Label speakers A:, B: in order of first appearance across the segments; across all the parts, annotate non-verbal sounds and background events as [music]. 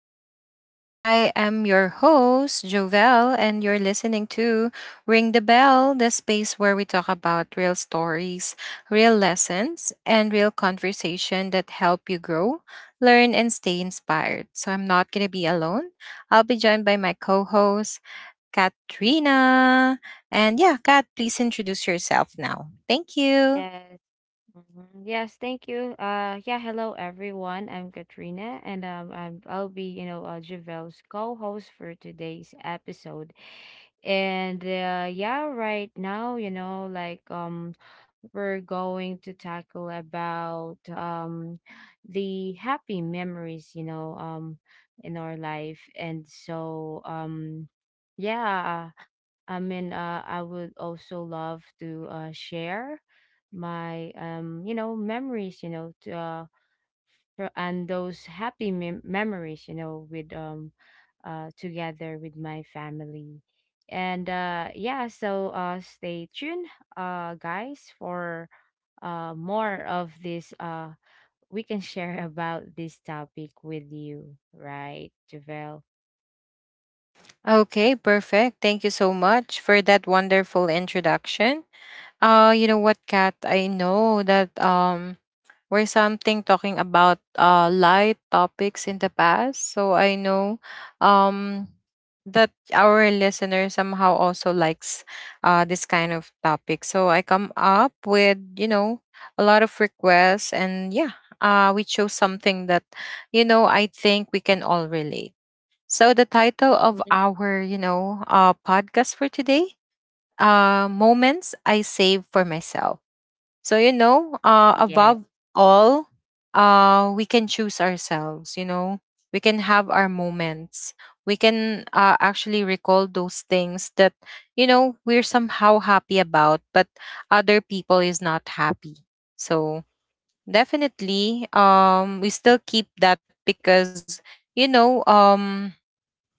A: the show. I am your host, Jovel, and you're listening to Ring the Bell, the space where we talk about real stories, real lessons, and real conversation that help you grow, learn, and stay inspired. So I'm not going to be alone. I'll be joined by my co host, Katrina. And yeah, Kat, please introduce yourself now. Thank you.
B: Yes. Mhm. Yes, thank you. Yeah, hello everyone. I'm Katrina, and I'll be, Javel's co-host for today's episode. And yeah, right now, we're going to tackle about the happy memories, in our life. And so, yeah. I mean, I would also love to share my, memories, and those memories, with together with my family. And yeah, so stay tuned, guys, for more of this. We can share [laughs] about this topic with you, right, Javel?
A: Okay, perfect. Thank you so much for that wonderful introduction. You know what, Kat? I know that we're something talking about light topics in the past. So I know um that our listener somehow also likes this kind of topic. So I come up with, you know, a lot of requests and yeah, we chose something that, you know, I think we can all relate. So the title of
B: Mhm.
A: our, you know, podcast for today, moments I save for myself. So, you know,
B: Yeah,
A: above all, we can choose ourselves, you know, we can have our moments. We can actually recall those things that, you know, we're somehow happy about, but other people is not happy. So, definitely, we still keep that because, you know,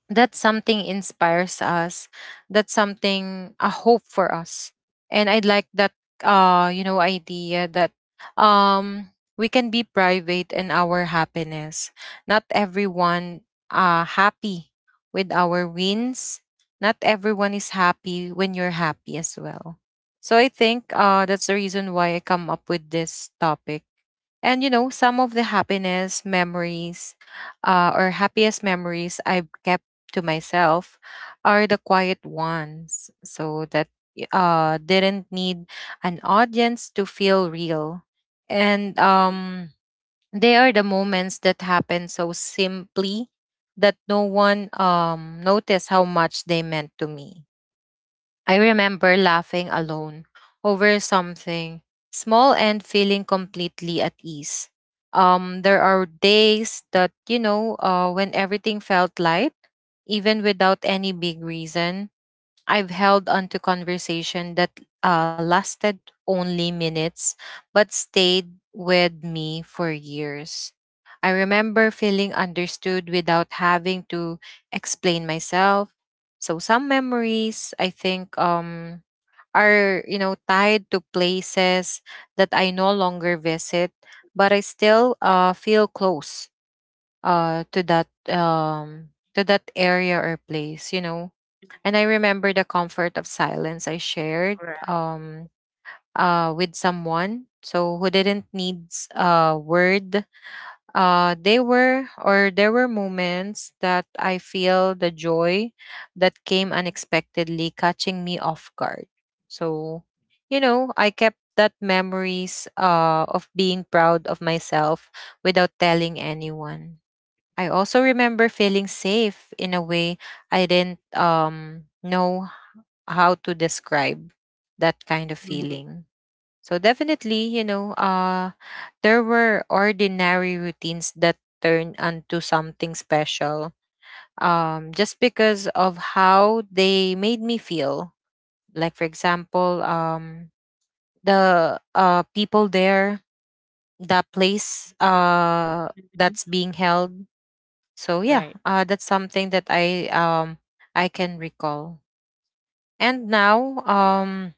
A: that something inspires us, that's something a hope for us, and I'd like that you know idea that um we can be private in our happiness. Not everyone happy with our wins, not everyone is happy when you're happy as well. So I think that's the reason why I come up with this topic. And you know, some of the happiness memories, or happiest memories I've kept to myself, are the quiet ones. So that didn't need an audience to feel real. And they are the moments that happen so simply that no one, noticed how much they meant to me. I remember laughing alone over something small and feeling completely at ease. There are days that, you know, when everything felt light, even without any big reason. I've held onto conversation that lasted only minutes but stayed with me for years. I remember feeling understood without having to explain myself. So some memories, I think, are you know tied to places that I no longer visit, but I still feel close to that area or place. You know, and I remember the comfort of silence I shared,
B: right.
A: um, with someone. So who didn't needs a word, they were or there were moments that I feel the joy that came unexpectedly, catching me off guard. So, you know, I kept that memories of being proud of myself without telling anyone. I also remember feeling safe in a way I didn't know how to describe that kind of
B: Mhm.
A: feeling. So definitely, you know, there were ordinary routines that turned into something special. Just because of how they made me feel. Like for example, the people there, the place that's
B: Mhm.
A: being held. So yeah,
B: Right.
A: that's something that I can recall. And now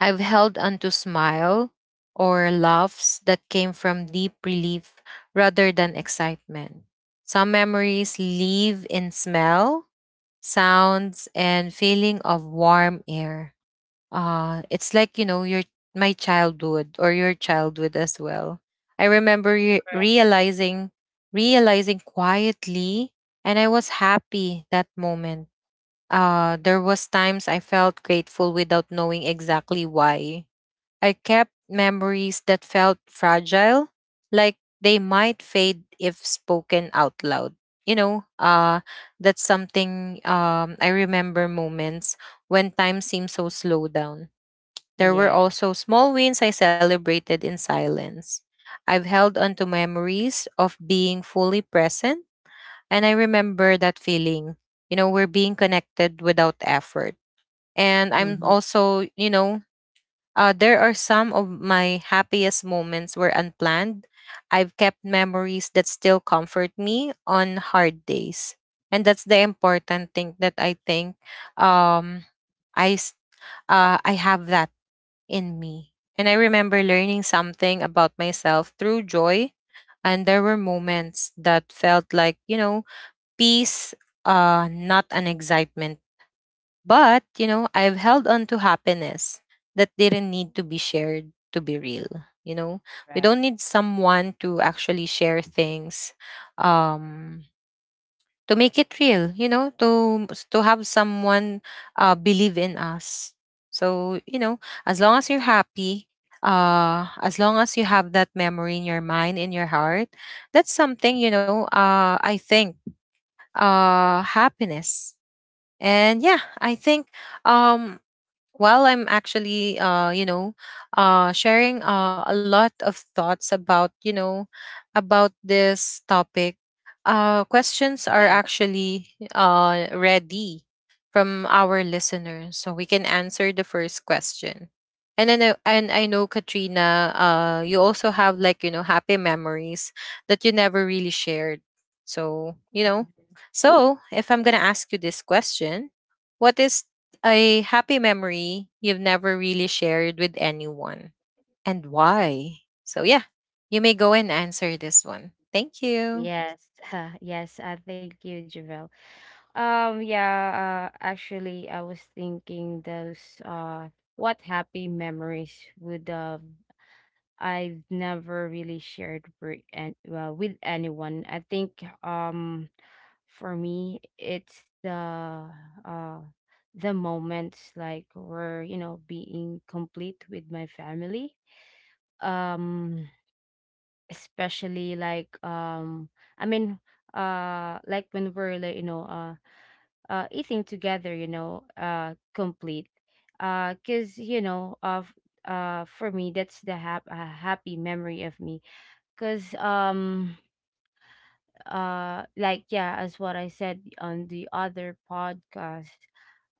A: I've held onto smile or laughs that came from deep relief rather than excitement. Some memories live in smell, sounds, and feeling of warm air. It's like, you know, your my childhood or your childhood as well. I remember realizing quietly, and I was happy that moment. There was times I felt grateful without knowing exactly why. I kept memories that felt fragile, like they might fade if spoken out loud. You know, that's something, I remember moments when time seemed so slow down. There were
B: Yeah.
A: also small wins I celebrated in silence. I've held on to memories of being fully present, and I remember that feeling. You know, we're being connected without effort. And I'm
B: Mhm.
A: also, you know, there are some of my happiest moments were unplanned. I've kept memories that still comfort me on hard days. And that's the important thing that I think, um, I, s- I have that in me. And I remember learning something about myself through joy. And there were moments that felt like, you know, peace, not an excitement, but, you know, I've held on to happiness that didn't need to be shared to be real. You know, we
B: Right.
A: don't need someone to actually share things, um, to make it real, you know, to have someone believe in us. So, you know, as long as you're happy, as long as you have that memory in your mind, in your heart, that's something, you know, I think happiness. And yeah, I think um well, I'm actually, you know, sharing a lot of thoughts about, you know, about this topic. Questions are
B: Yes.
A: actually ready from our listeners, so we can answer the first question. And I know, Katrina, you also have like you know happy memories that you never really shared. So you know, so if I'm gonna ask you this question, what is a happy memory you've never really shared with anyone and why? So, yeah, you may go and answer this one. Thank you.
B: Yes. [laughs] Yes. Thank you, Javel. Yeah, actually, I was thinking those, what happy memories would. I've never really shared with, well, with anyone. I think, for me, it's uh, the moments like where, being complete with my family. Um, especially I mean like when we're eating together, complete, because of— for me that's the a happy memory of me, because yeah, as what I said on the other podcast,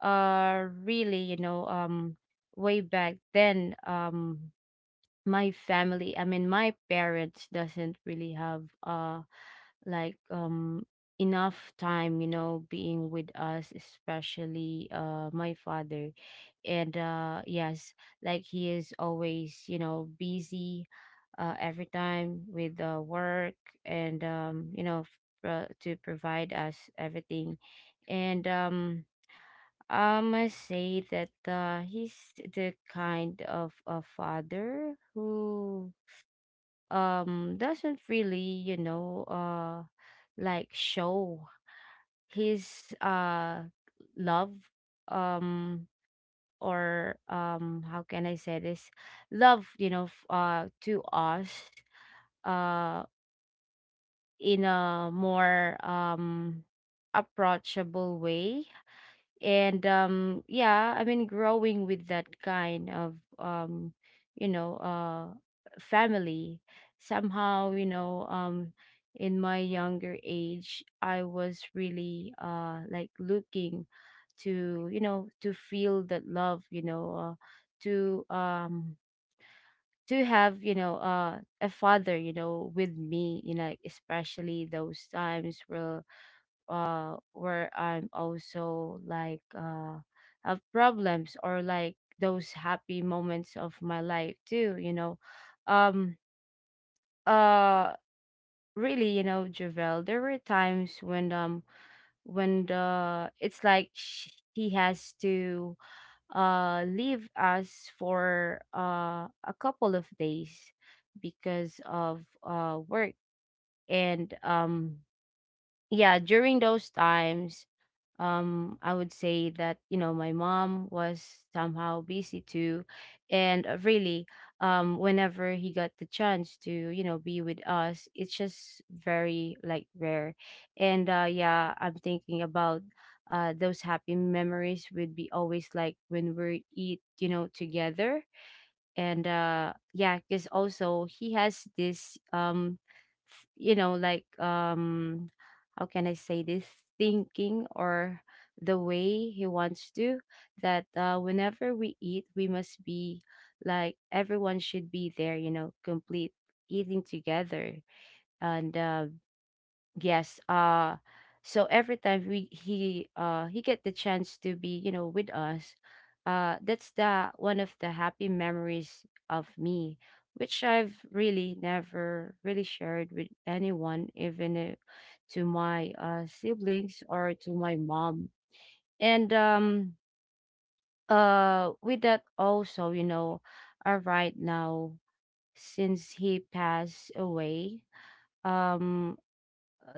B: really, way back then. My family, I mean my parents doesn't really have like um enough time being with us, especially my father. And yes, like he is always, busy every time with work, and to provide us everything. And I must say that he's the kind of a father who doesn't really, like, show his love, um or, how can I say this, love, to us, uh in a more approachable way. And yeah, I mean growing with that kind of you know uh family, somehow, in my younger age I was really, like, looking to, to feel that love, to, to have, a father, with me you know, like, especially those times where I'm also like have problems, or like those happy moments of my life too, you know. Um uh Really, you know, Javel, there were times when, when the it's like he has to leave us for a couple of days because of work. And yeah, during those times, I would say that, you know, my mom was somehow busy too. And really, whenever he got the chance to, you know, be with us, it's just very, like, rare. And yeah, I'm thinking about those happy memories would be always like when we eat, you know, together. And yeah, because also he has this, you know, like, how can I say this, thinking, or the way he wants to, that whenever we eat we must be, like, everyone should be there, you know, complete, eating together. And yes. So every time we he get the chance to be, you know, with us, that's the one of the happy memories of me, which I've really never really shared with anyone, even to my siblings or to my mom. And with that also, you know, right now, since he passed away, um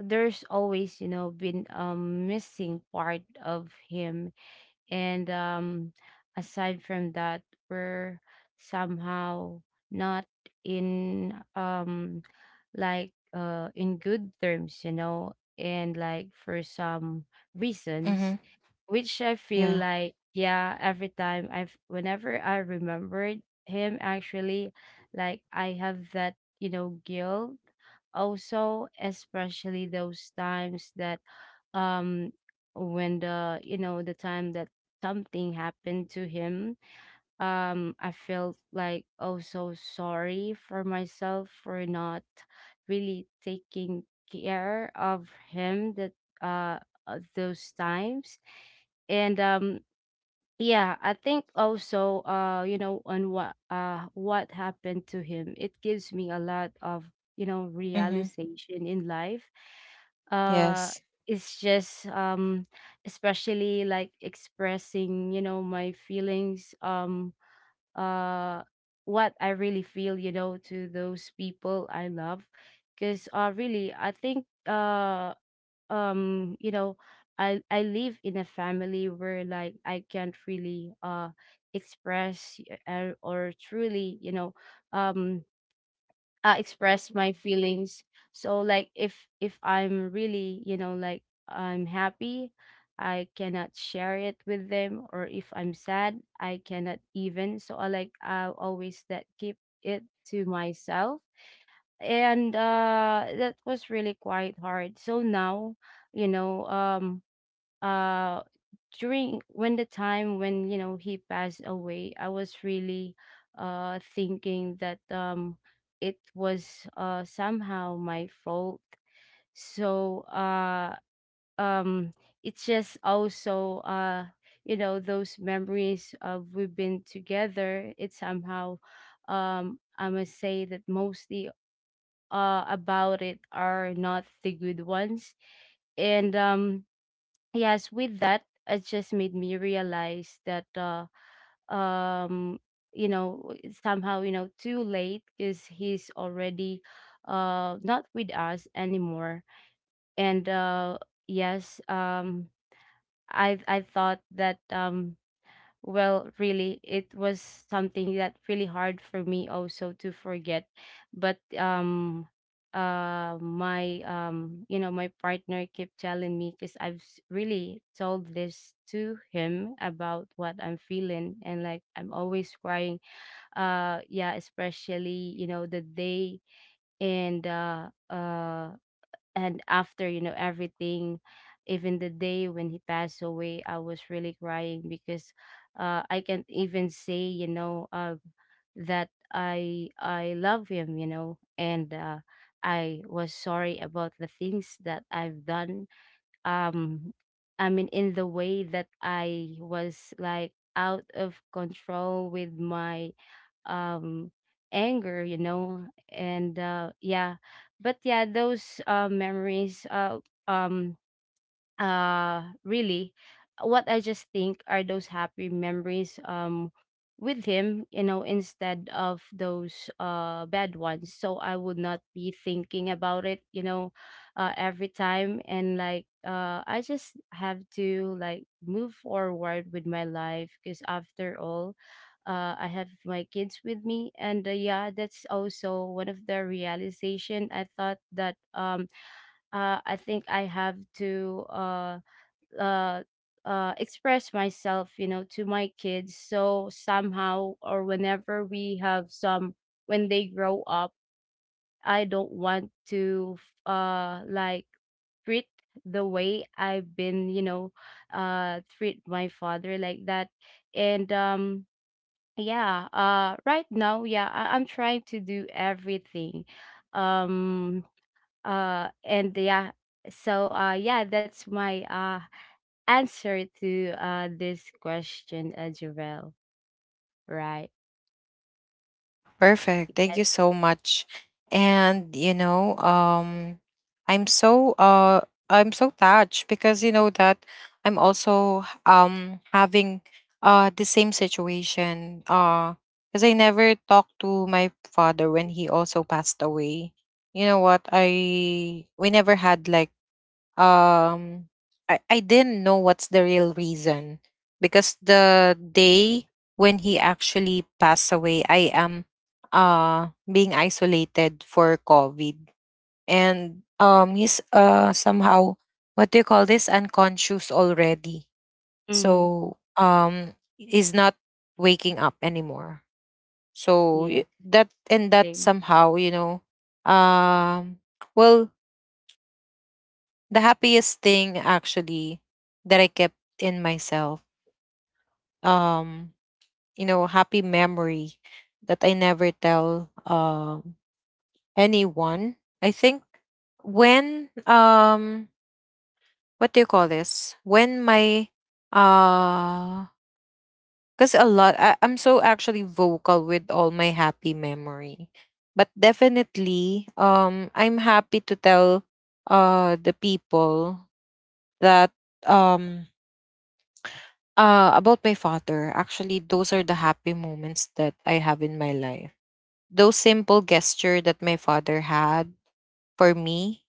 B: there's always, you know, been a missing part of him. And aside from that, we're somehow not in like in good terms, you know, and like for some
A: Mm-hmm.
B: reasons, which I feel
A: Yeah.
B: like, yeah, every time I've whenever I remembered him, actually, like I have that, you know, guilt also, especially those times that, um when the you know, the time that something happened to him. I felt like, oh, so sorry for myself for not really taking care of him, that uh those times. And yeah, I think also, you know, on what happened to him, it gives me a lot of, you know,
A: Mm-hmm.
B: realization in life. Uh
A: Yes.
B: it's just, especially like expressing, you know, my feelings, uh what I really feel, you know, to those people I love, because really, I think, you know, I live in a family where, like, I can't really express, or truly, you know, um express my feelings. So like, if I'm really, you know, like, I'm happy, I cannot share it with them, or if I'm sad, I cannot even. So I, like, I always that keep it to myself. And that was really quite hard. So now, you know um uh during when the time when, you know, he passed away, I was really, thinking that, it was, somehow my fault. So um it's just also, you know, those memories of we've been together, it somehow, I must say that mostly, about it are not the good ones. And, yes, with that, it just made me realize that, um, you know, somehow, you know, too late, because he's already, not with us anymore. And, yes, I thought that, well, really, it was something that really hard for me also to forget. But my, you know, my partner kept telling me, because I've really told this to him about what I'm feeling, and like I'm always crying. Yeah, especially, you know, the day, and uh uh and after, you know, everything. Even the day when he passed away, I was really crying, because I can't even say, you know, that I love him, you know. And I was sorry about the things that I've done, um I mean, in the way that I was, like, out of control with my, um anger, you know. And yeah. But yeah, those memories, um really, what I just think are those happy memories, with him, you know, instead of those, bad ones. So I would not be thinking about it, you know, every time. And like, I just have to, like, move forward with my life, because, after all, I have my kids with me. And yeah, that's also one of the realization I thought that, I think I have to uh, express myself, you know, to my kids. So somehow, or whenever we have some, when they grow up, I don't want to, like, treat the way I've been, you know, treat my father like that. And, yeah, right now, yeah, I'm trying to do everything. Um, and yeah, so, yeah, that's my, answer to this question, Jovel, right?
A: Perfect. Thank you so much. And you know, I'm so uh I'm so touched because you know that I'm also having the same situation because I never talked to my father when he also passed away. You know what? I we never had like, um I didn't know what's the real reason, because the day when he actually passed away I am being isolated for COVID, and he's somehow, what do you call this, unconscious already.
B: Mm-hmm.
A: So is not waking up anymore.
B: Yes,
A: That
B: thank
A: somehow you know, um well, the happiest thing actually that I kept in myself. Um, you know, happy memory that I never tell anyone. I think, when what do you call this? When my uh because a lot I'm so actually vocal with all my happy memory. But definitely I'm happy to tell the people that um uh, about my father, actually, those are the happy moments that I have in my life. Those simple gesture that my father had for me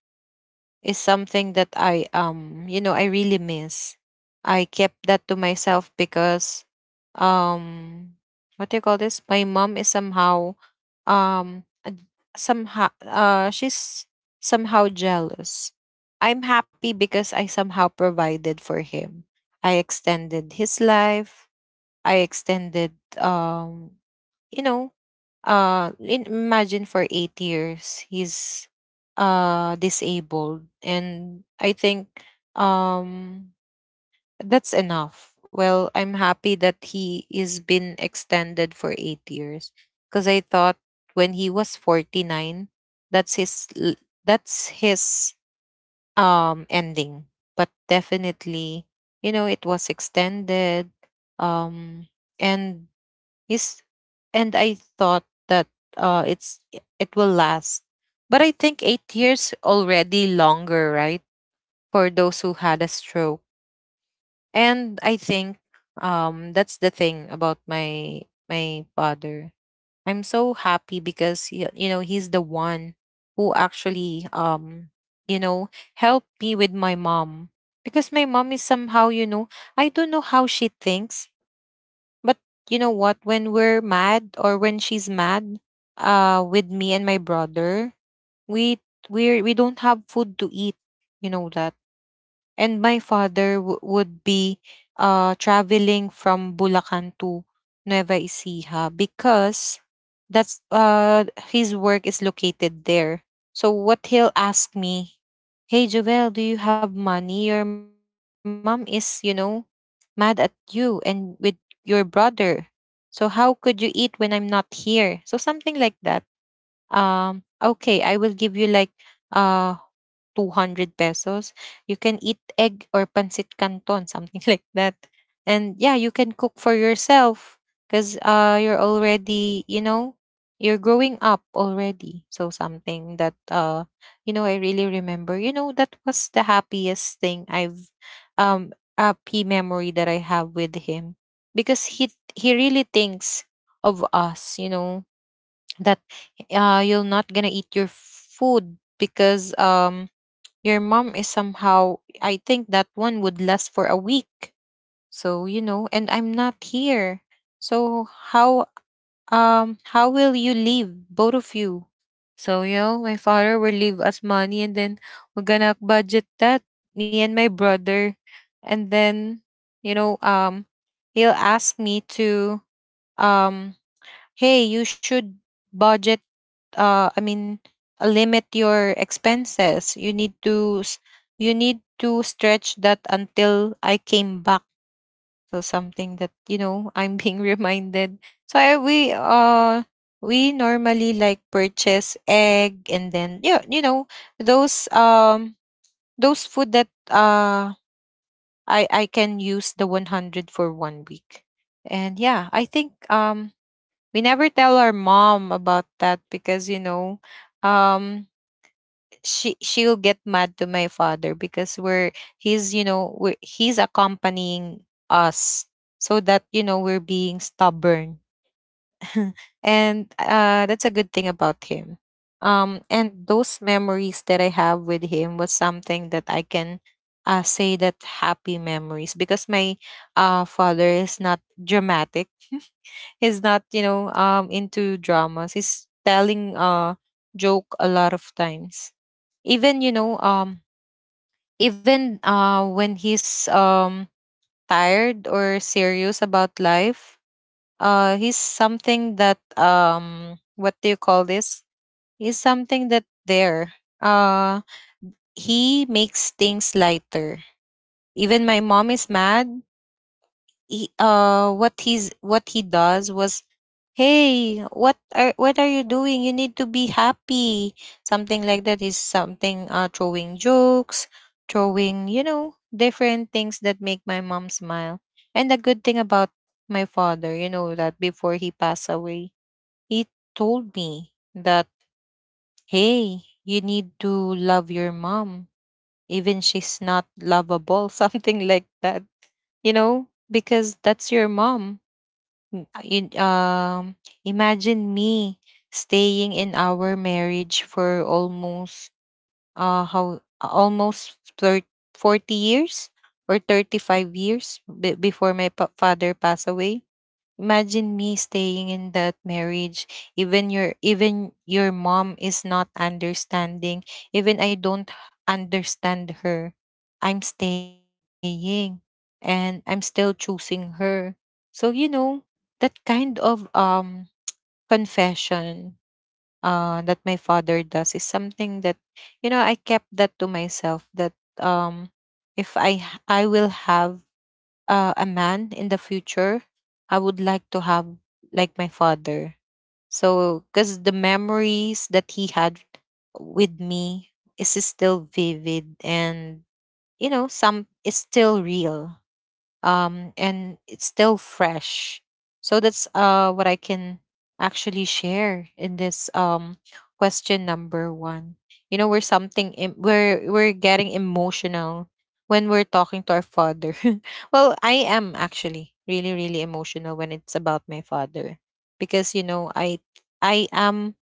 A: is something that I, you know, I really miss. I kept that to myself because, um what do you call this? My mom is somehow, um she's somehow jealous. I'm happy because I somehow provided for him. I extended his life. I extended, um, you know, imagine for 8 years he's disabled, and I think um that's enough. Well, I'm happy that he is been extended for 8 years, because I thought when he was 49, that's his l- that's his ending. But definitely, you know, it was extended. Um, and Yes, and I thought that it's it will last, but I think 8 years already longer, right? For those who had a stroke, and I think, that's the thing about my father. I'm so happy because you know he's the one who actually, you know, helped me with my mom, because my mom is somehow you know, I don't know how she thinks, but you know what? When we're mad or when she's mad, with me and my brother, we we don't have food to eat. You know that. And my father would be traveling from Bulacan to Nueva Ecija because that's his work is located there. So what he'll ask me, "Hey Jovel, do you have money? Your mom is, you know, mad at you and with your brother. So how could you eat when I'm not here?" So something like that. Okay, I will give you like uh 200 pesos, you can eat egg or pancit canton, something [laughs] like that. And yeah, you can cook for yourself because you're already, you know, you're growing up already. So something that, you know, I really remember. You know, that was the happiest thing I've, a P memory that I have with him, because he really thinks of us, you know, that you're not gonna eat your food because your mom is somehow, I think that one would last for a week. So, you know, and I'm not here. So how will you leave both of you? So, you know, my father will leave us money and then we're gonna budget that, me and my brother. And then, you know, he'll ask me to, um hey, you should budget, uh, I mean, limit your expenses. You need to stretch that until I came back. So something that, you know, I'm being [laughs] reminded. So we we normally like purchase egg, and then, yeah, those those food that, I can use the 100 for 1 week. And yeah, I think, we never tell our mom about that because um she'll get mad to my father because we're he's, he's accompanying us, so that, we're being stubborn. [laughs] And that's a good thing about him. And those memories that I have with him was something that I can say that happy memories, because my father is not dramatic. [laughs] He's not, into dramas. He's telling joke a lot of times, even, even when he's tired or serious about life. He's something that, um, what do you call this? He's something that there uh he makes things lighter. Even my mom is mad, he, what he's what he does was, hey, what are you doing? You need to be happy. Something like that, is something, throwing jokes, throwing, you know, different things that make my mom smile. And the good thing about my father, you know, that before he passed away, he told me that, hey, you need to love your mom, even she's not lovable. [laughs] Something like that, you know, because that's your mom. Mm, in imagine me staying in our marriage for almost how almost 30, 40 years, or 35 years before my father passed away. Imagine me staying in that marriage, even your mom is not understanding, even I don't understand her. I'm staying, and I'm still choosing her. So you know, that kind of confession that my father does is something that, you know, I kept that to myself, that um if I will have a man in the future, I would like to have like my father. So, because the memories that he had with me is still vivid, and, you know, some is still real, and it's still fresh. So that's what I can actually share in this question number one. You know, we're we're getting emotional when we're talking to our father. [laughs] Well, I am actually really, really emotional when it's about my father, because you know, I am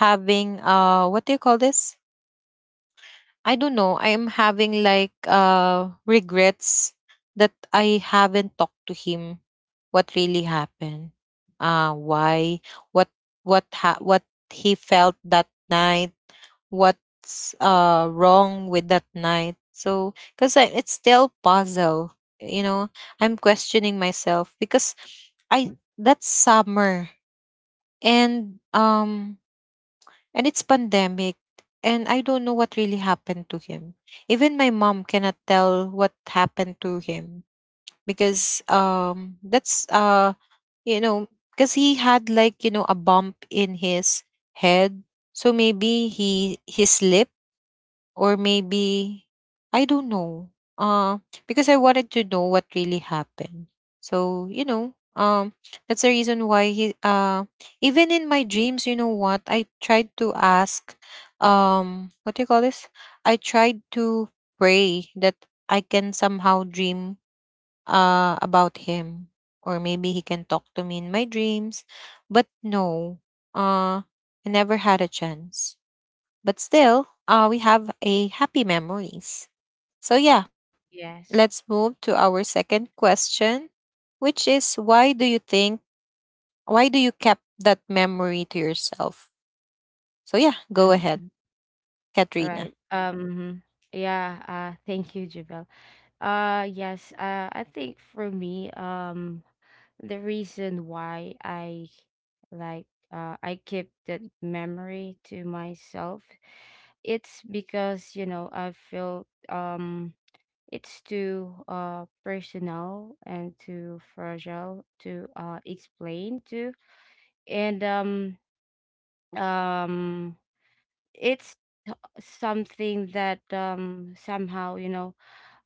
A: having what do you call this? I don't know. I'm having like regrets that I haven't talked to him what really happened. Why what what he felt that night, what's wrong with that night. So cuz it's still puzzle, you know. I'm questioning myself because I that's summer, and um and it's pandemic, and I don't know what really happened to him. Even my mom cannot tell what happened to him, because that's you know, because he had, like, you know, a bump in his head, so maybe he slipped, or maybe I don't know. Uh, because I wanted to know what really happened. So that's the reason why he. Even in my dreams, you know what? I tried to ask. What do you call this? I tried to pray that I can somehow dream about him, or maybe he can talk to me in my dreams, but no. Uh, I never had a chance. But still, we have a happy memories. So yeah, let's move to
B: yes.
A: our second question, which is, why do you kept that memory to yourself? So yeah, go ahead,
B: Mm-hmm.
A: Katrina.
B: Right. Mhm. Yeah, thank you, Javel. Yes, I think for me, the reason why I, like, I keep that memory to myself, it's because, you know, I feel, it's too, personal and too fragile to, explain to. And, um, it's something that, somehow, you know,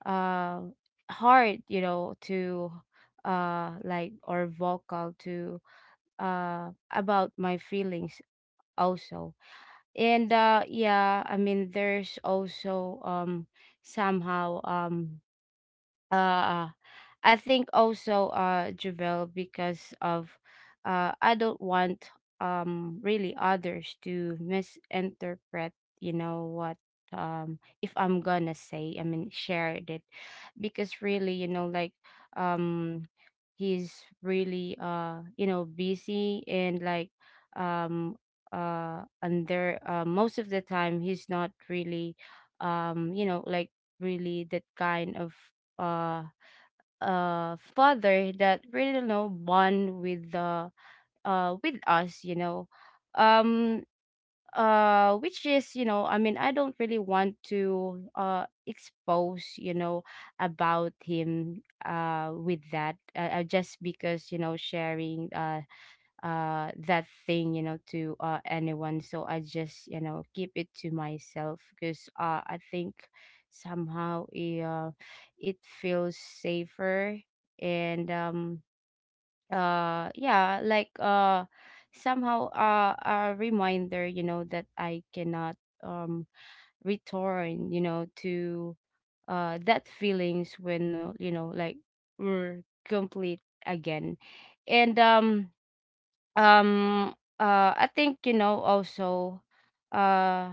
B: uh, hard, you know, to, like, or vocal to, about my feelings also. And yeah, I mean there's also, somehow, uh I think also, Javel, because of, I don't want, really, others to misinterpret, you know what, if I'm gonna say, I mean, share it, because really, you know, like, um he's really, you know, busy, and like, um under, most of the time he's not really, you know, like, really that kind of, uh father that really, you know, bond with the with us, you know, um which is, you know, I mean I don't really want to expose, you know, about him, with that, just because, you know, sharing that thing, you know, to, anyone. So I just, you know, keep it to myself, because, I think somehow it feels safer. And yeah, like, somehow, a reminder, you know, that I cannot, um return, you know, to that feelings when, you know, like, we're complete again. And um I think, you know, also, uh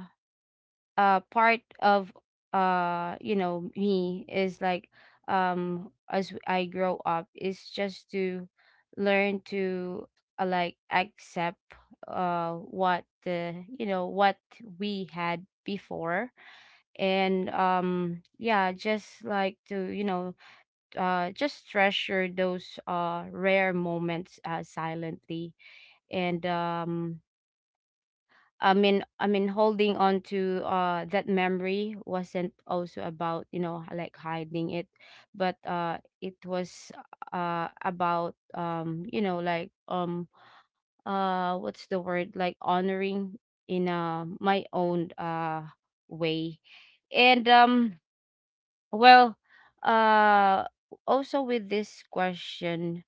B: part of, you know, me is like, as I grow up, is just to learn to, like, accept what the, you know, what we had before. And yeah, just like to, you know, just treasure those rare moments silently. And I mean, holding on to that memory wasn't also about like hiding it, but it was about like what's the word, like honoring in my own way. And well uh Also with this question,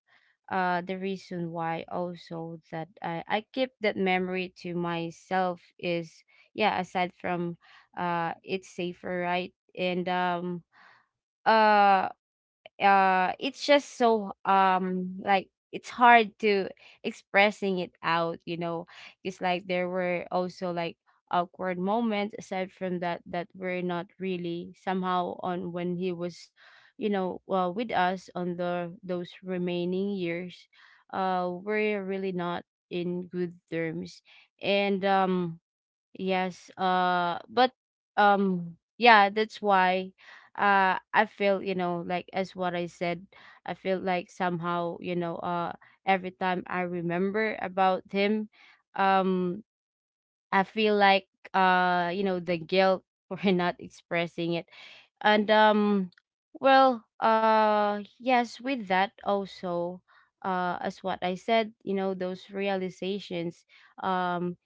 B: the reason why also that I keep that memory to myself is, yeah, aside from it's safer, right? And um uh uh it's just so, like it's hard to expressing it out, you know. It's like there were also like awkward moments aside from that, that were not really somehow on when he was, you know, well with us on the those remaining years. We're really not in good terms. And Yes, but yeah, that's why I feel, like as what I said, I feel like somehow, every time I remember about him, um I feel like, you know, the guilt [laughs] for not expressing it. And yes, with that also, as what I said, you know, those realizations. um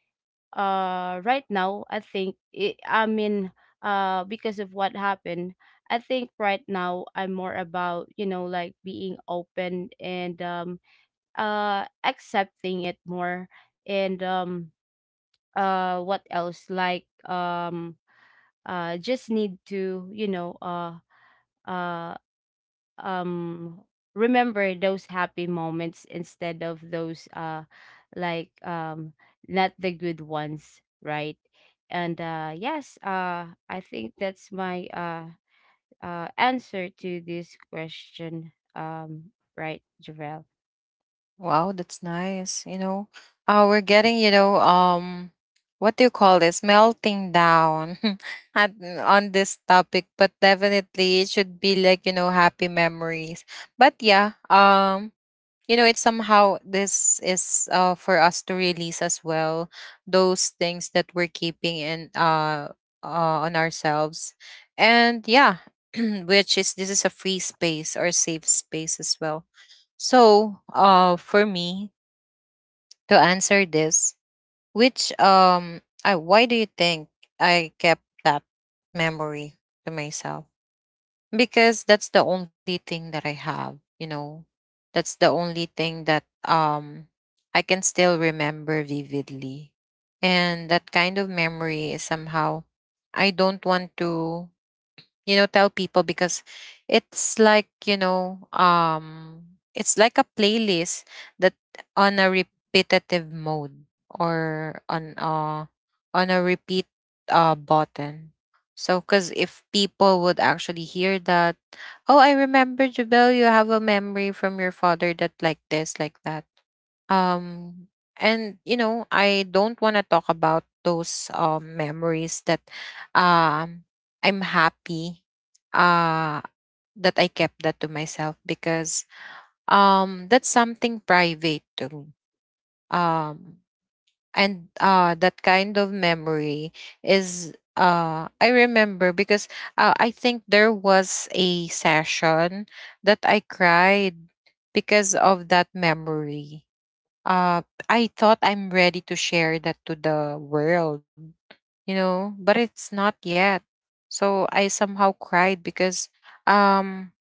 B: right now I think it, I mean because of what happened, I think right now I'm more about, you know, like being open and accepting it more. And What else, like, just need to, you know, uh um remember those happy moments instead of those like um not the good ones, right? and Yes, I think that's my answer to this question, right, Javel?
A: Wow, that's nice. You know, we're getting, what do you call this? Melting down [laughs] at, on this topic, but definitely it should be like, you know, happy memories. But yeah, you know, it's somehow this is for us to release as well those things that we're keeping in on ourselves, and yeah, [clears throat] which is, this is a free space or safe space as well. So, for me to answer this, which I why do you think I kept that memory to myself? Because that's the only thing that I have, you know. That's the only thing that I can still remember vividly. And that kind of memory is somehow, I don't want to, you know, tell people because it's like, you know, it's like a playlist that on a repetitive mode, or on a repeat button. So because if people would actually hear that, oh I remember Jabel, you have a memory from your father that like this, like that. um and you know, I don't want to talk about those memories that um I'm happy uh that I kept that to myself, because that's something private to me. um and that kind of memory is, I remember, because I think there was a session that I cried because of that memory. uh, I thought I'm ready to share that to the world, you know, but it's not yet. So I somehow cried because um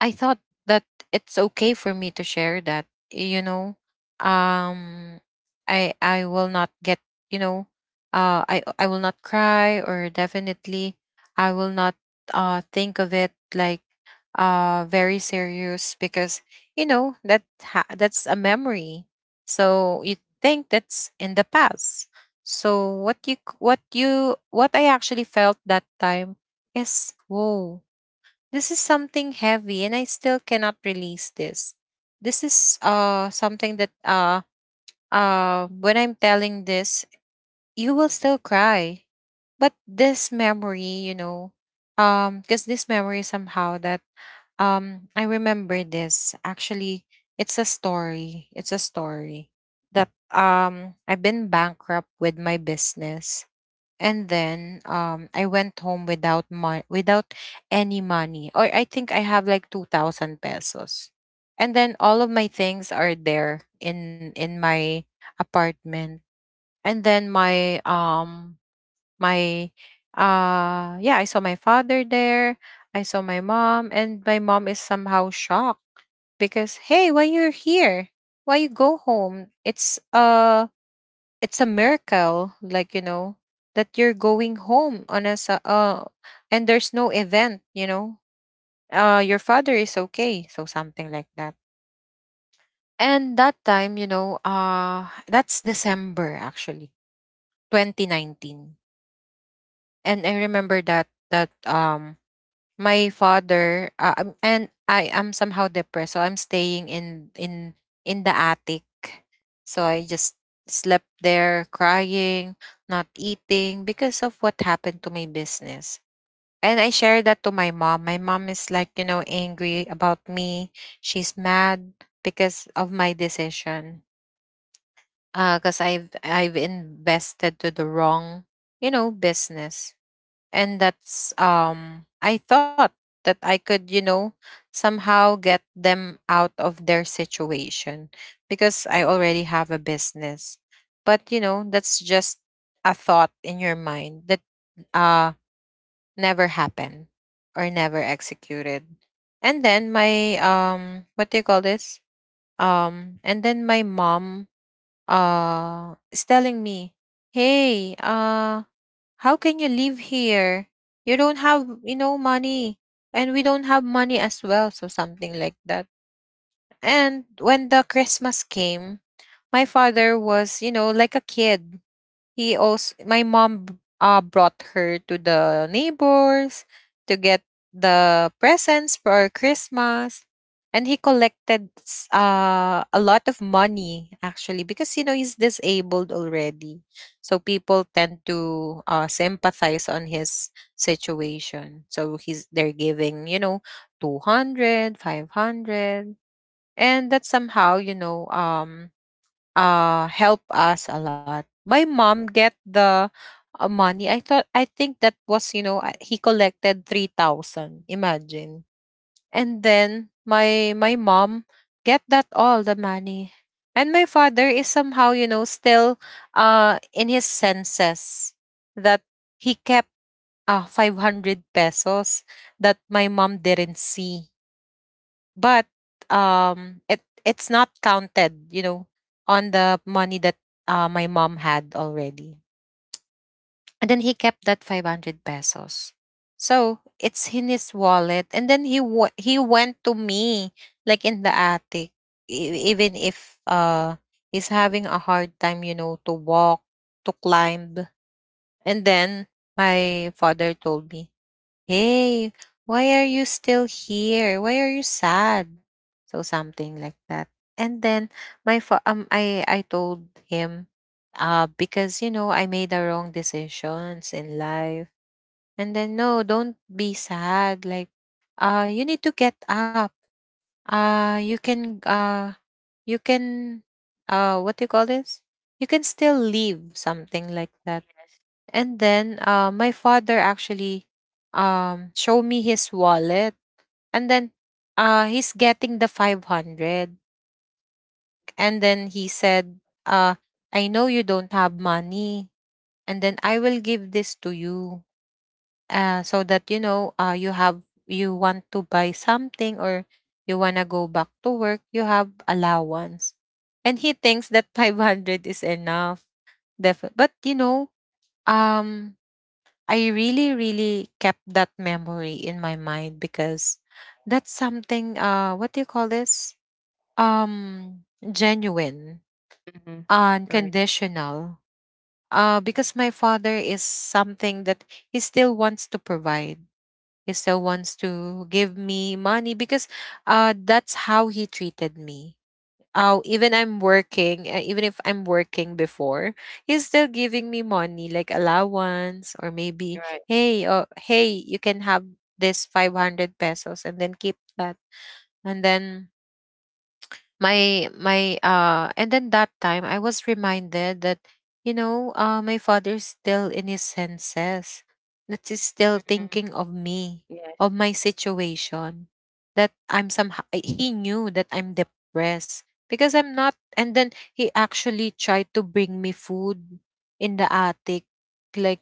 A: I thought that it's okay for me to share that, you know. Um I will not get, you know, I will not cry, or definitely I will not think of it like very serious, because you know that's a memory. So you think that's in the past. So what you c- what you what I actually felt that time is, whoa, this is something heavy, and I still cannot release this. This is something that when I'm telling this, you will still cry. But this memory, you know, because this memory somehow that I remember this. Actually, it's a story. It's a story that I've been bankrupt with my business, and then I went home without without any money, or I think I have like 2,000 pesos, and then all of my things are there in my apartment. And then my my yeah, I saw my father there. I saw my mom, and my mom is somehow shocked, because, hey, why you're here? Why you go home? It's a miracle, like, you know, that you're going home on a and there's no event, you know. Your father is okay, so something like that. And that time, you know, that's December actually, 2019. And I remember that my father, and I am somehow depressed, so I'm staying in the attic. So I just slept there crying, not eating because of what happened to my business. And I shared that to my mom. My mom is like, you know, angry about me. She's mad because of my decision. Cuz I've invested to the wrong, you know, business. And that's I thought that I could, you know, somehow get them out of their situation, because I already have a business. But you know, that's just a thought in your mind that uh never happened, or never executed. And then my what do you call this? And then my mom is telling me, hey, how can you live here? You don't have, you know, money. And we don't have money as well. So something like that. And when the Christmas came, my father was, you know, like a kid. He also My mom brought her to the neighbors to get the presents for Christmas. And he collected a lot of money, actually, because, you know, he's disabled already, so people tend to sympathize on his situation. So he's they're giving, you know, 200, 500, and that somehow, you know, help us a lot. My mom get the money. I think that was, you know, he collected 3,000. Imagine. And then my mom get that all the money. And my father is somehow, you know, still in his senses, that he kept 500 pesos that my mom didn't see, but it's not counted, you know, on the money that my mom had already. And then he kept that 500 pesos, so it's in his wallet. And then he went to me, like in the attic, even if he's having a hard time, you know, to walk, to climb. And then my father told me, hey, why are you still here? Why are you sad? So something like that. And then my fa- I told him, because, you know, I made the wrong decisions in life. And then, no, don't be sad. Like, you need to get up. Uh you can uh you can what do you call this? You can still leave, something like that. And then my father actually show me his wallet, and then he's getting the 500, and then he said, "I know you don't have money, and then I will give this to you so that you know you have, you want to buy something, or you want to go back to work, you have allowance." And he thinks that [laughs] 500 is enough. Definitely, but you know, um I really, really kept that memory in my mind because that's something, what do you call this? Genuine,
B: Mm-hmm. Right.
A: unconditional. Because my father is something that he still wants to provide. He still wants to give me money because that's how he treated me. Oh, even I'm working, even if I'm working before, he's still giving me money, like allowance, or maybe,
B: Right.
A: "Hey, oh, hey, you can have this 500 pesos and then keep that." And then my and then that time I was reminded that, you know, my father's still in his senses, that he's still
B: Mm-hmm.
A: thinking of me, of
B: Yes.
A: my situation, that I'm, somehow he knew that I'm depressed, because I'm not, and then he actually tried to bring me food in the attic, like,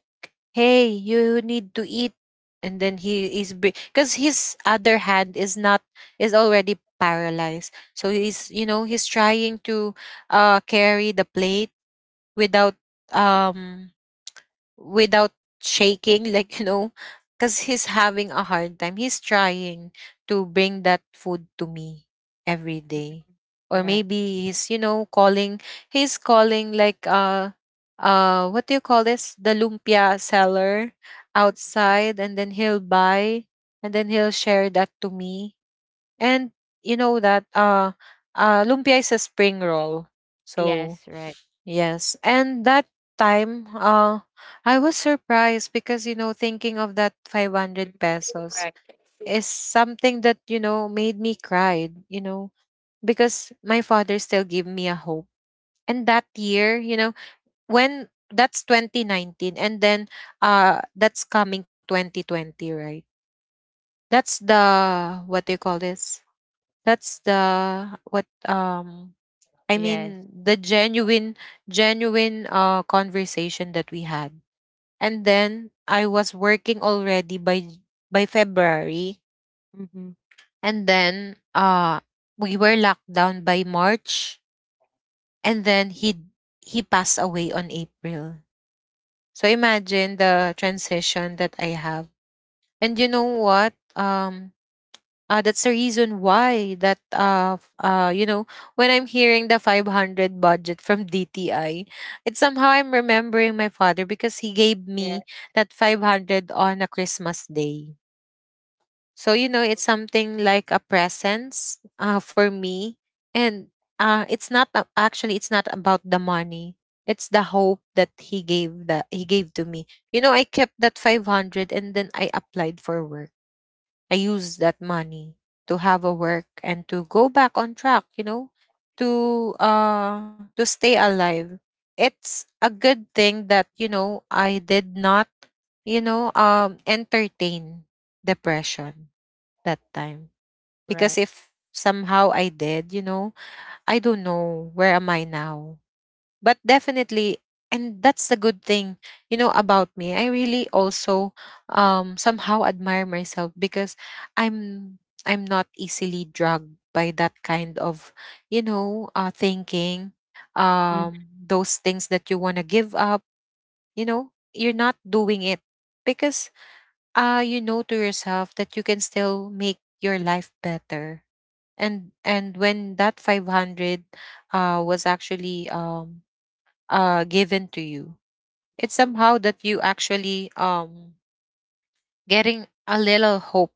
A: "Hey, you need to eat." And then he is, because his other hand is not, is already paralyzed, so he's, you know, he's trying to carry the plate without um without shaking, [laughs] like, you know, because he's having a hard time. He's trying to bring that food to me every day. Or
B: Right.
A: maybe he's, you know, calling, he's calling like what do you call this? The lumpia seller outside, and then he'll buy, and then he'll share that to me. And you know that lumpia is a spring roll. So
B: Yes. Right.
A: yes. And that time, I was surprised because, you know, thinking of that
B: Mhm.
A: 500 pesos
B: Right.
A: is something that, you know, made me cry, you know, because my father still gave me a hope. And that year, you know, when that's 2019, and then that's coming 2020, right? That's the, what do you call this? That's the what, I
B: Yes.
A: mean, the genuine, genuine conversation that we had. And then I was working already by February,
B: Mm-hmm.
A: and then we were locked down by March, and then he passed away on April. So imagine the transition that I have. And you know what? That's the reason why that you know, when I'm hearing the 500 budget from [laughs] DTI, it's somehow I'm remembering my father, because he gave me
B: Yes.
A: that 500 on a Christmas day. So you know it's something like a presents, for me. And it's not actually it's not about the money, it's the hope that he gave, that he gave to me. You know, I kept that 500 and then I applied for work. I used that money to have a work and to go back on track, you know, to stay alive. It's a good thing that, you know, I did not, you know, entertain depression that time. Because
B: Right.
A: if somehow I did, you know, I don't know where am I now, but definitely, and that's the good thing, you know, about me. I really also somehow admire myself, because i'm I'm not easily drugged by that kind of, you know, thinking,
B: Mhm.
A: those things that you want to give up, you know, you're not doing it because you know to yourself that you can still make your life better. And when that 500 was actually given to you, it's somehow that you actually getting a little hope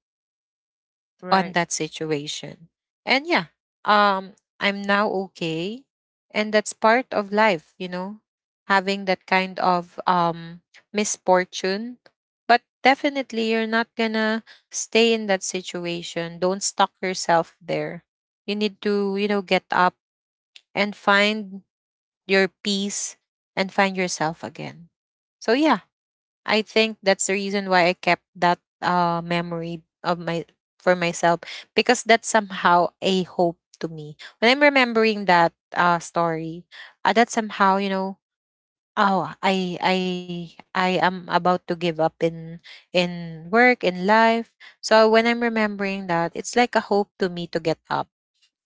A: on
B: Right.
A: that situation. And yeah, um, I'm now okay, and that's part of life, you know, having that kind of misfortune. But definitely, you're not gonna stay in that situation. Don't stuck yourself there. You need to, you know, get up and find your peace and find yourself again. So yeah, I think that's the reason why I kept that memory of my, for myself, because that's somehow a hope to me. When I'm remembering that story, that somehow, you know, oh, I am about to give up in work, in life. So when I'm remembering that, it's like a hope to me to get up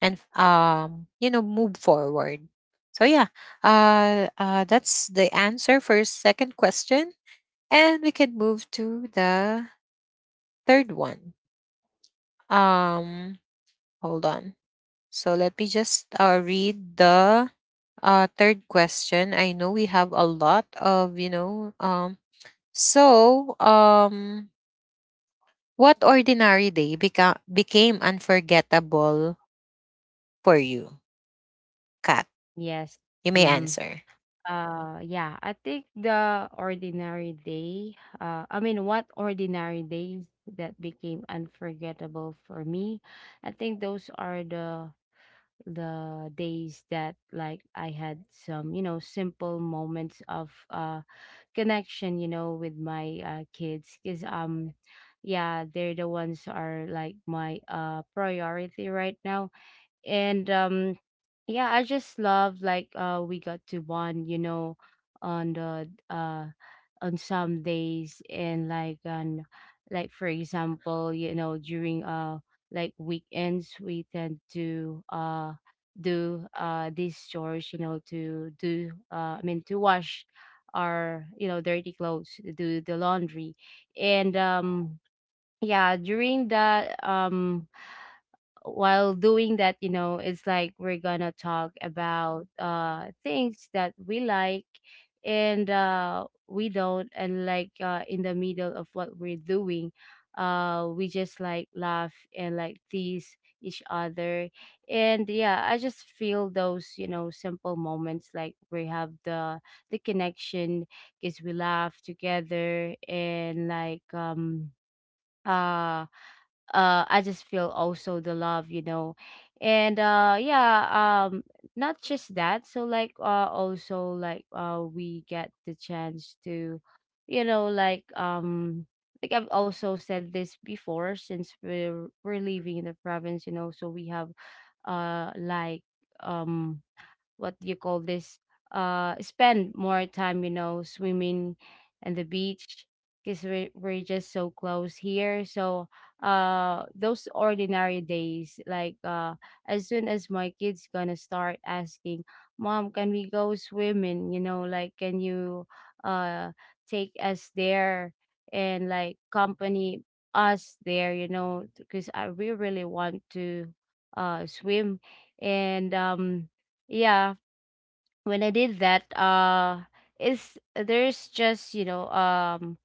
A: and you know, move forward. So yeah, that's the answer for your second question, and we can move to the third one. Um, hold on. So let me just read the third question. I know we have a lot of, you know, so um, what ordinary day became unforgettable for you, Kat?
B: Yes.
A: You may
B: Mm-hmm.
A: answer.
B: Yeah, I think the ordinary day, what ordinary days that became unforgettable for me, I think those are the days that like I had some, you know, simple moments of connection, you know, with my kids, because yeah, they're the ones are like my priority right now. And Yeah, I just love like we got to bond, you know, on the on some days, and like on, like for example, you know, during like weekends, we tend to do these chores, you know, to do, to wash our, you know, dirty clothes, do the laundry. And Yeah, during that, while doing that, you know, it's like we're gonna talk about things that we like, and we don't, and like, in the middle of what we're doing, we just like laugh and like tease each other. And yeah, I just feel those, you know, simple moments, like we have the connection because we laugh together, and like uh I just feel also the love, you know. And yeah, um not just that. So like, also like, we get the chance to, you know, like I've also said this before, since we're living in the province, you know, so we have uh like um what do you call this, spend more time, you know, swimming and the beach, because we're just so close here. So those ordinary days, like as soon as my kids gonna start asking, mom, can we go swimming, you know, like, can you uh take us there, and like company us there, you know, because I, we really want to swim. And Yeah, when I did that, is, there's just, you know, um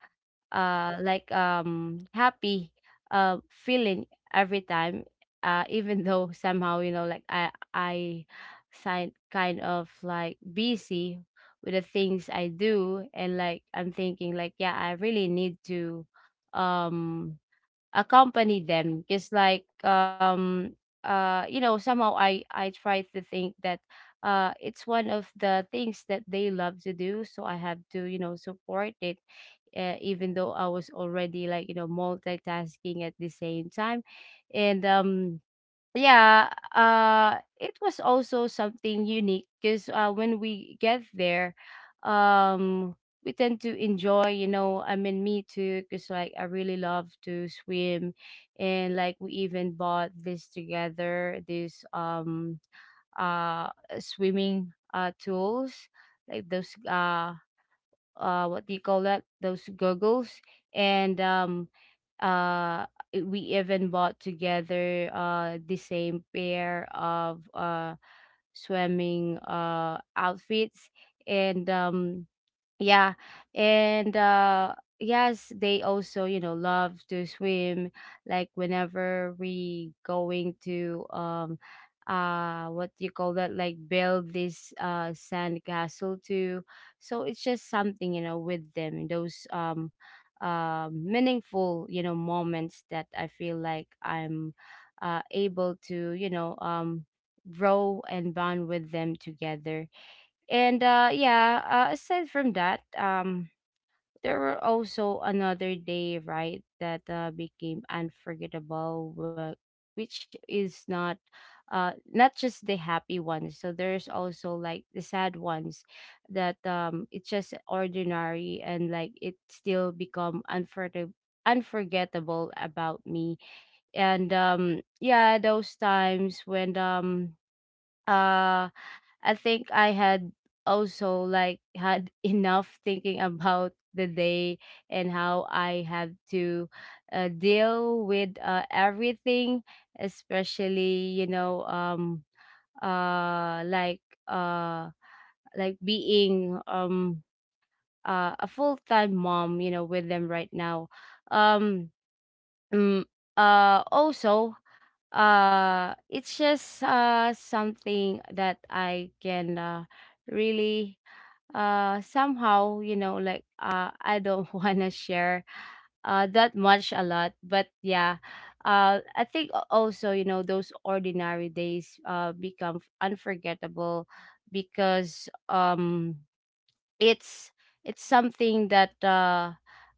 B: uh like happy feeling every time, [laughs] even though somehow, you know, like I sign kind of like busy with the things I do, and like I'm thinking like, yeah, I really need to um accompany them, because like you know, somehow I try to think that it's one of the things that they love to do, so I have to, you know, support it, even though I was already like, you know, multitasking at the same time. And Yeah, it was also something unique, because when we get there, um, we tend to enjoy, you know, I mean, me too, because like I really love to swim, and like we even bought this together, this, uh, swimming tools, like those, what do you call that? Those goggles. and um uh we even bought together the same pair of swimming outfits. And Yeah. And yes, they also, you know, love to swim, like whenever we going to what do you call that, like build this sand castle too. So it's just something, you know, with them, and those meaningful, you know, moments, that I feel like I'm able to, you know, grow and bond with them together. And Yeah, aside from that, there were also another day, right, that became unforgettable, which is not not just the happy ones. So there's also like the sad ones that, it's just ordinary, and like it still become unforgettable, unforgettable about me. And Yeah, those times when, uh I think I had also like had [laughs] enough thinking about the day and how I have to, deal with, everything, especially, you know, uh like uh like being, a full time mom, you know, with them right now. Um Mm, Also, it's just something that I can, really somehow, you know, like, I don't [laughs] wanna share that much a lot, but yeah, I think also, you know, those ordinary days become unforgettable because, it's something that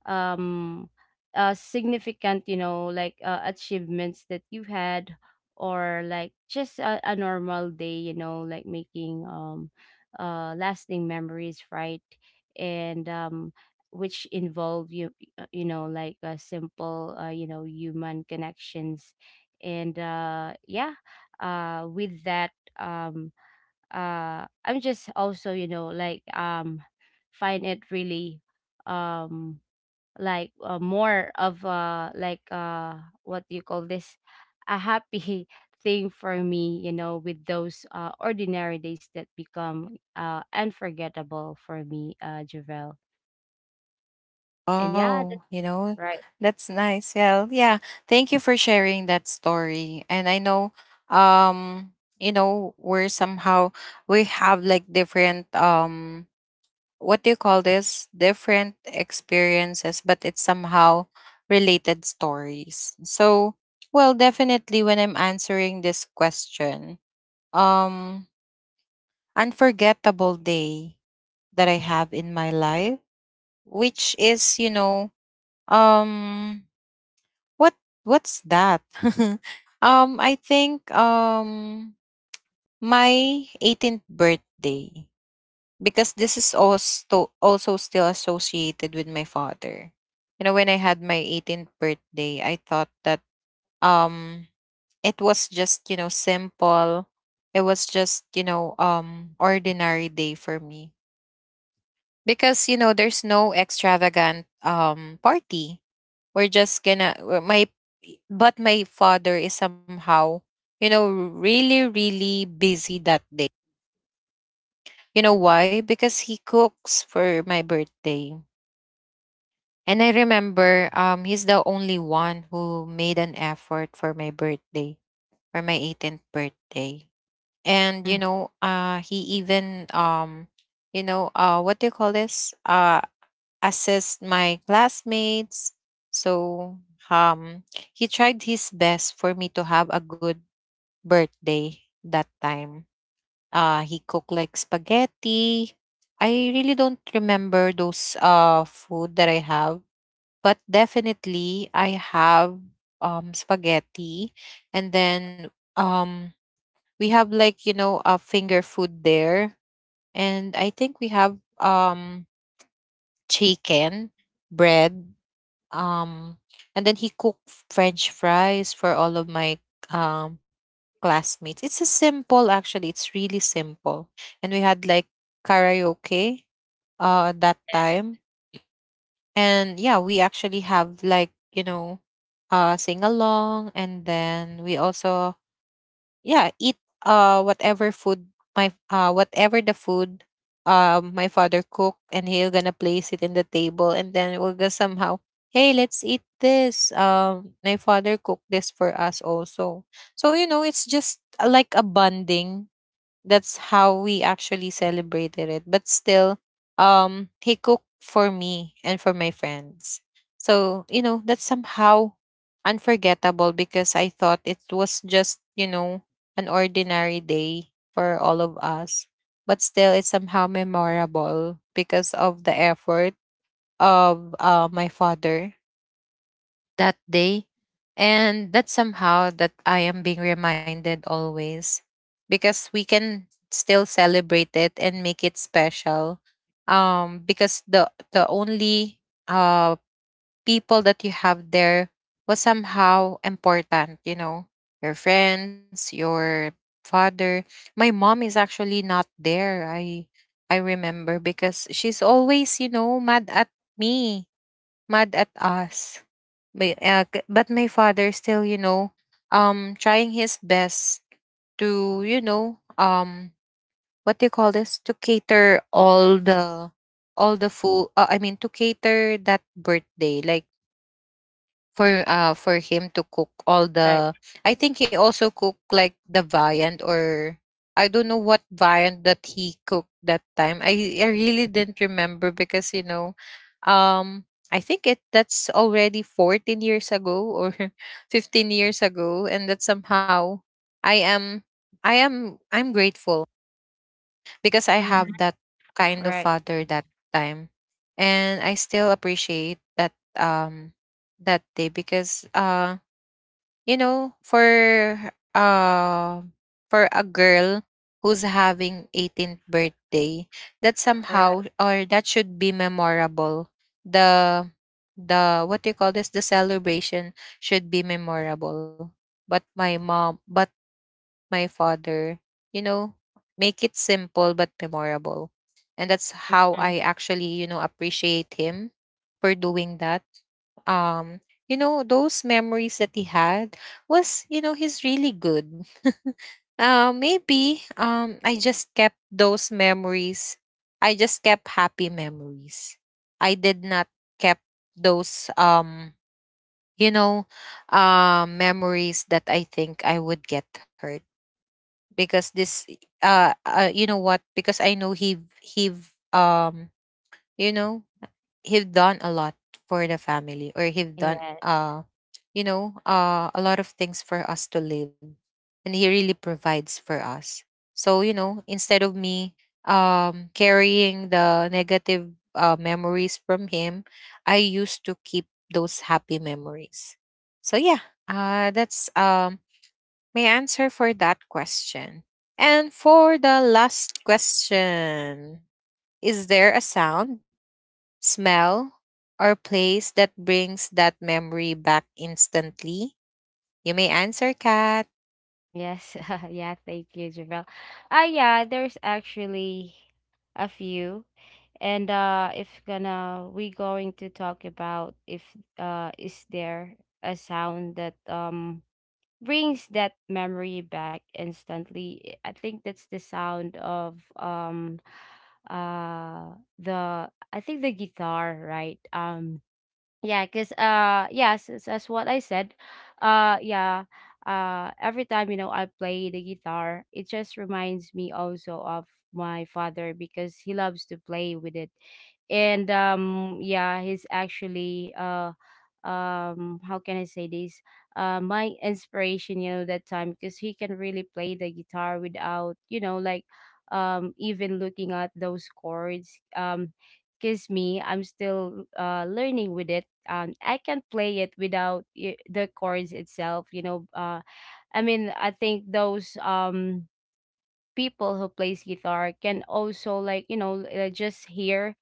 B: um significant, you know, like achievements that you had, or like just a normal day, you know, like making lasting memories, right? and Which involve you, you know, like, simple, you know, human connections. And Yeah, with that, um I'm just also, you know, like, find it really, um more of, what do you call this, a happy [laughs] thing for me, you know, with those ordinary days that become unforgettable for me, Javel. And yeah, that's
A: Oh, you know,
B: right.
A: that's nice. Yeah, yeah. Thank you for sharing that story. And I know, um, you know, we're somehow, we have like different what do you call this? Different experiences, but it's somehow related stories. So, well, definitely when I'm answering this question, um, unforgettable day that I have in my life, which is, you know, um what, what's that? [laughs] I think my 18th birthday, because this is also still associated with my father. You know, when I had my 18th birthday, I thought that um it was just, you know, simple. It was just, you know, ordinary day for me, because you know there's no extravagant party. We're just gonna my But my father is somehow, you know, really really busy that day. You know why? Because he cooks for my birthday. And I remember, he's the only one who made an effort for my birthday, for my 18th birthday. And you
B: Mhm.
A: know, he even you know, what do you call this? Assessed my classmates. So um, he tried his best for me to have a good birthday that time. He cooked like spaghetti. I really don't remember those food that I have, but definitely I have spaghetti, and then um we have like, you know, a finger food there, and I think we have chicken, bread, um, and then he cooked French fries for all of my um classmates. It's a simple, actually. It's really simple. And we had like karaoke at that time. And yeah, we actually have like, you know, sing along, and then we also, yeah, eat whatever food, my whatever the food my father cook, and he'll gonna place it in the table, and then we'll go somehow, "Hey, let's eat this, my father cooked this for us also." So you know it's just, like a bonding. That's how we actually celebrated it, but still, he cooked for me and for my friends. So you know that's somehow unforgettable, because I thought it was just, you know, an ordinary day for all of us, but still it's somehow memorable because of the effort of, my father, that day. And that somehow that I am being reminded always, because we can still celebrate it and make it special. Because the only uh people that you have there was somehow important, you know, your friends, your father. My mom is actually not there. I remember, because she's always, you know, mad at me, mad at us. But, but my father still, you know, trying his best to, you know, what do you call this? To cater all the food. I mean, to cater that birthday. Like, for him to cook all
B: Right.
A: the, I think he also cooked like the viand, or I don't know what viand that he cooked that time. I really didn't remember because you know um I think it that's already 14 years ago or [laughs] 15 years ago, and that somehow I am I'm grateful because I
B: Mm-hmm.
A: have that kind of
B: Right.
A: father that time, and I still appreciate that that day because you know, uh for a girl who's having 18th birthday, that
B: Right.
A: somehow or that should be memorable. The the what do you call this, the celebration should be memorable. But my father, you know, make it simple but memorable, and that's how I
B: Right.
A: actually, you know, appreciate him for doing that. um you know, those memories that he had was, you know, he's really good. Maybe I just kept those memories. I just kept happy memories. I did not kept those you know memories that I think I would get hurt because this you know what, because I know he um you know, he've done a lot for the family, or he've done
B: Yes.
A: you know, a lot of things for us to live, and he really provides for us. So you know, instead of me carrying the negative memories from him, I used to keep those happy memories. So yeah, that's my answer for that question. And for the last question, is there a sound, smell, or place that brings that memory back instantly? You may answer, Kat.
B: Yes, [laughs] yeah, thank you, Javel. Ah, yeah, there's actually a few. And if gonna we going to talk about if is there a sound that brings that memory back instantly, I think that's the sound of, the I think the guitar, right? Yeah, because yes, as what I said, yeah, every time, you know, I play the guitar, it just reminds me also of my father, because he loves to play with it. And Yeah, he's actually how can I say this? My inspiration, you know, that time, because he can really play the guitar without, you know, like even looking at those chords. Because me, I'm still learning with it, I can play it without the chords itself, you know. I think those people who plays guitar can also like, you know, just hear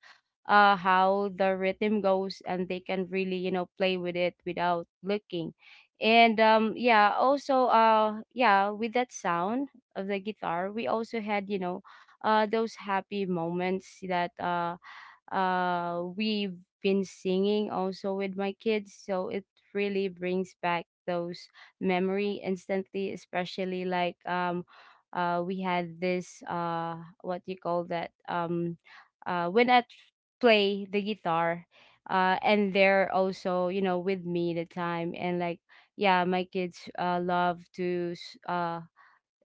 B: how the rhythm goes, and they can really, you know, play with it without looking. And Yeah, also, yeah, with that sound of the guitar, we also had, you know, those happy moments that we've been singing also with my kids, so it really brings back those memory instantly, especially like, we had this, what do you call that, when I play the guitar, and they're also, you know, with me the time, and like, yeah, my kids love to s- uh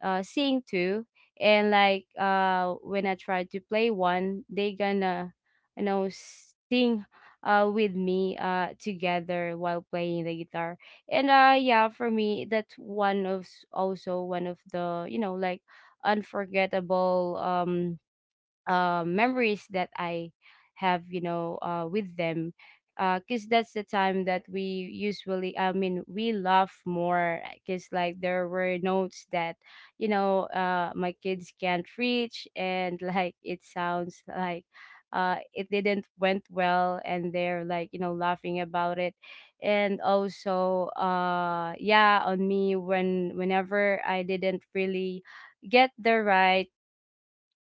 B: uh, seeing two, and like, when I try to play one, they gonna, you know, sing with me, together while playing the guitar. And yeah, for me, that's one of also one of the, you know, like unforgettable, memories that I have, you know, with them. Because that's the time that we usually, I mean, we laugh more. Because, like, there were notes that, you know, my kids can't reach. And, [laughs] like, it sounds like, it didn't went well. And they're, like, you know, laughing about it. And also, yeah, on me, when whenever I didn't really get the right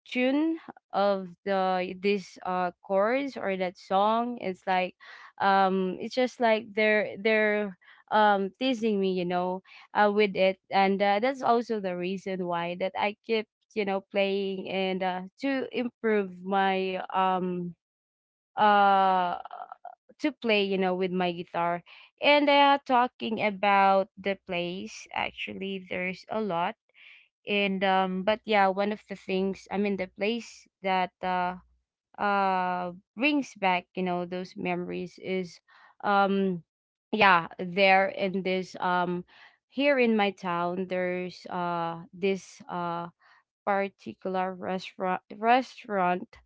B: tune of the this chords or that song, it's like, it's just like they're teasing me, you know, with it. And that's also the reason why that I keep, you know, playing and, to improve my, uh to play, you know, with my guitar. And talking about the place, actually there's a lot. And But yeah, one of the things, I mean, the place that uh brings back, you know, those memories is, um yeah, there in this, here in my town, there's this particular restaurant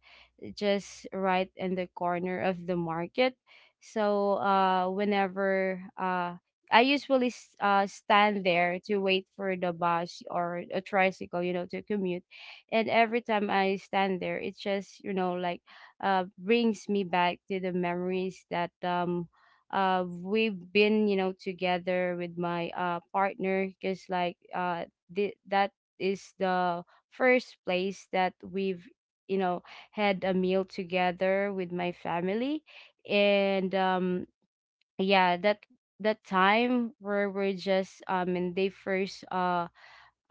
B: just right in the corner of the market. So whenever I usually stand there to wait for the bus or a tricycle, you know, to commute. And every time I stand there, it just, you know, like, brings me back to the memories that, we've been, you know, together with my, partner. Because, like, that is the first place that we've, you know, had a meal together with my family. And Yeah, that time where we're just, and they first, uh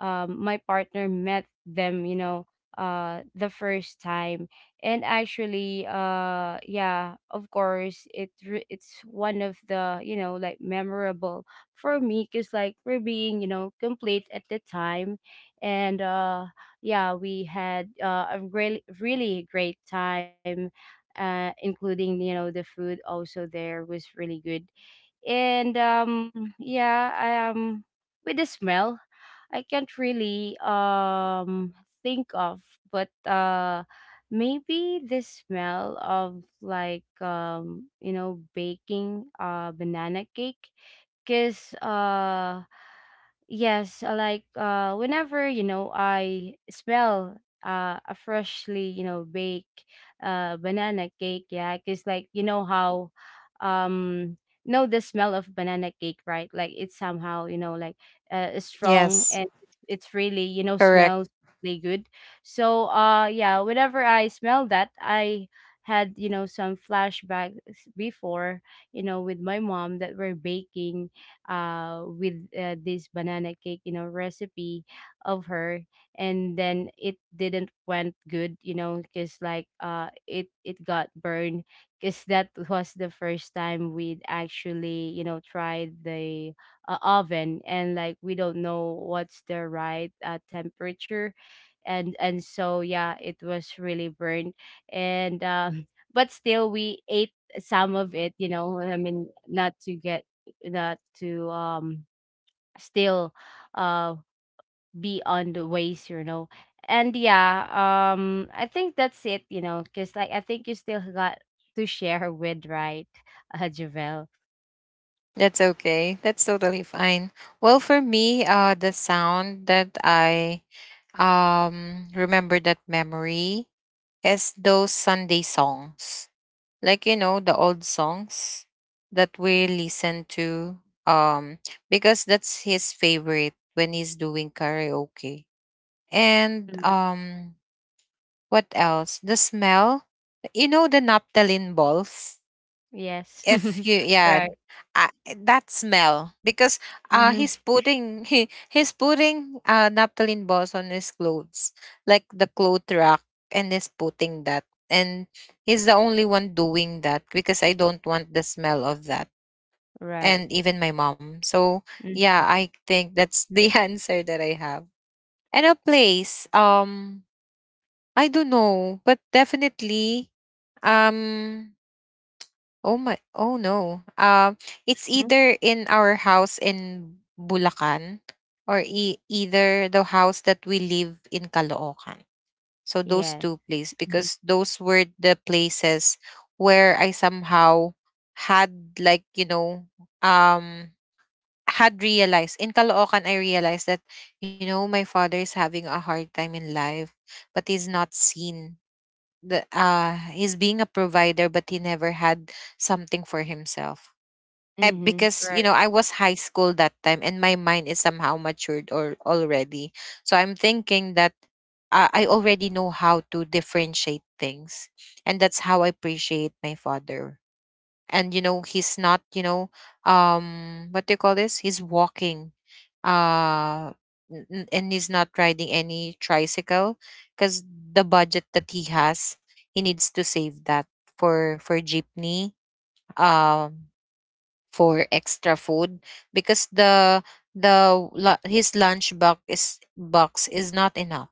B: um, my partner met them, you know, the first time. And actually, yeah, of course, it it's one of the, you know, like memorable for me, because like we're being, you know, complete at the time. And Yeah, we had a really, really great time. Including, you know, the food also there was really good. And Yeah, I, with the smell, I can't really think of, but maybe the smell of like, you know, baking banana cake. Because yes, like, whenever, you know, I smell a freshly, you know, baked banana cake. Yeah, because like, you know how, um know the smell of banana cake, right? Like it's somehow, you know, like strong,
A: Yes,
B: and it's really, you know,
A: correct.
B: smells really good. So yeah, whenever I smell that, I had, you know, some flashbacks before, you know, with my mom that we're baking, with, this banana cake, you know, recipe of her. And then it didn't went good, you know, because like, it, it got burned, because that was the first time we'd actually, you know, tried the, oven, and like we don't know what's the right, temperature, and so yeah, it was really burned. And [laughs] but still we ate some of it, you know, I mean, not to get that to, still uh be on the ways, you know. And yeah, I think that's it, you know, because like I think you still got to share with, right, Javel?
A: That's okay. That's totally fine. Well, for me, the sound that I remember that memory is those Sunday songs. Like, you know, the old songs that we listen to, um because that's his favorite when he's doing karaoke. And
B: Mhm.
A: um what else? The smell. You know, the naphthalene balls.
B: Yes.
A: If
B: [laughs]
A: you, yeah,
B: Right.
A: uh, that smell because
B: Hmm.
A: he's putting [laughs] he's putting naphthalene balls on his clothes, like the cloth rack, and he's putting that. And he's the only one doing that because I don't want the smell of that,
B: Right.
A: and even my mom. So yeah, I think that's the [laughs] answer that I have. And a place. I don't know, but definitely um. Oh my. Oh no. It's
B: Hmm.
A: either in our house in Bulacan, or either the house that we live in Caloocan. So those
B: Yes.
A: two places, because those were the places where I somehow had, like, you know, um had realized, in Caloocan I realized that, you know, my father is having a hard time in life, but he's not seen the he's being a provider, but he never had something for himself. Eh,
B: Mm-hmm.
A: because you
B: Right.
A: know, I was high school that time and my mind is somehow matured or already, so I'm thinking that, I already know how to differentiate things, and that's how I appreciate my father. And you know, he's not, you know, what do you call this, he's walking, uh and he's not riding any tricycle because the budget that he has, he needs to save that for jeepney, um for extra food, because his lunch box is not enough,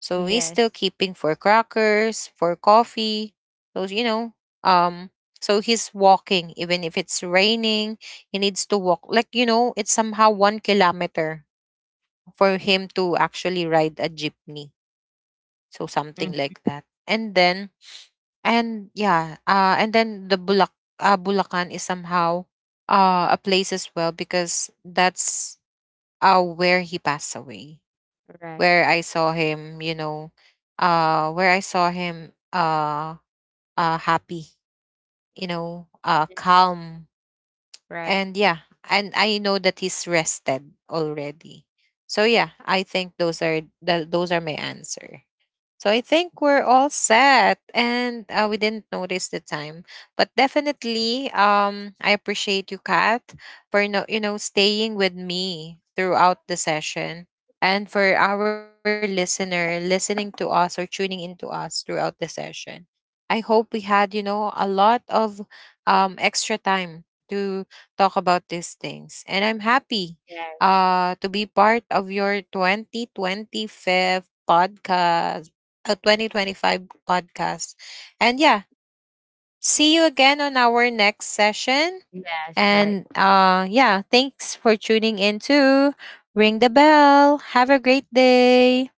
A: so he's
B: Yes.
A: still keeping for crackers, for coffee. So you know, um so he's walking even if it's raining, he needs to walk like, you know, it's somehow 1 kilometer for him to actually ride a jeepney. So something
B: Mhm.
A: like that. And then, and yeah, and then the Bulak Bulacan is somehow a place as well because that's where he passed away.
B: Right.
A: Where I saw him, you know, where I saw him happy, you know,
B: Mhm.
A: calm.
B: Right.
A: And yeah, and I know that he's rested already. So yeah, I think those are the, those are my answer. So I think we're all set, and we didn't notice the time. But definitely I appreciate you, Kat, for no, you know, staying with me throughout the session, and for our listener listening to us or tuning into us throughout the session. I hope we had, you know, a lot of extra time to talk about these things. And I'm happy
B: Yes.
A: to be part of your 2025 podcast a 2025 podcast. And yeah, see you again on our next session.
B: Yes. Right.
A: And yeah, thanks for tuning in to Ring the Bell. Have a great day.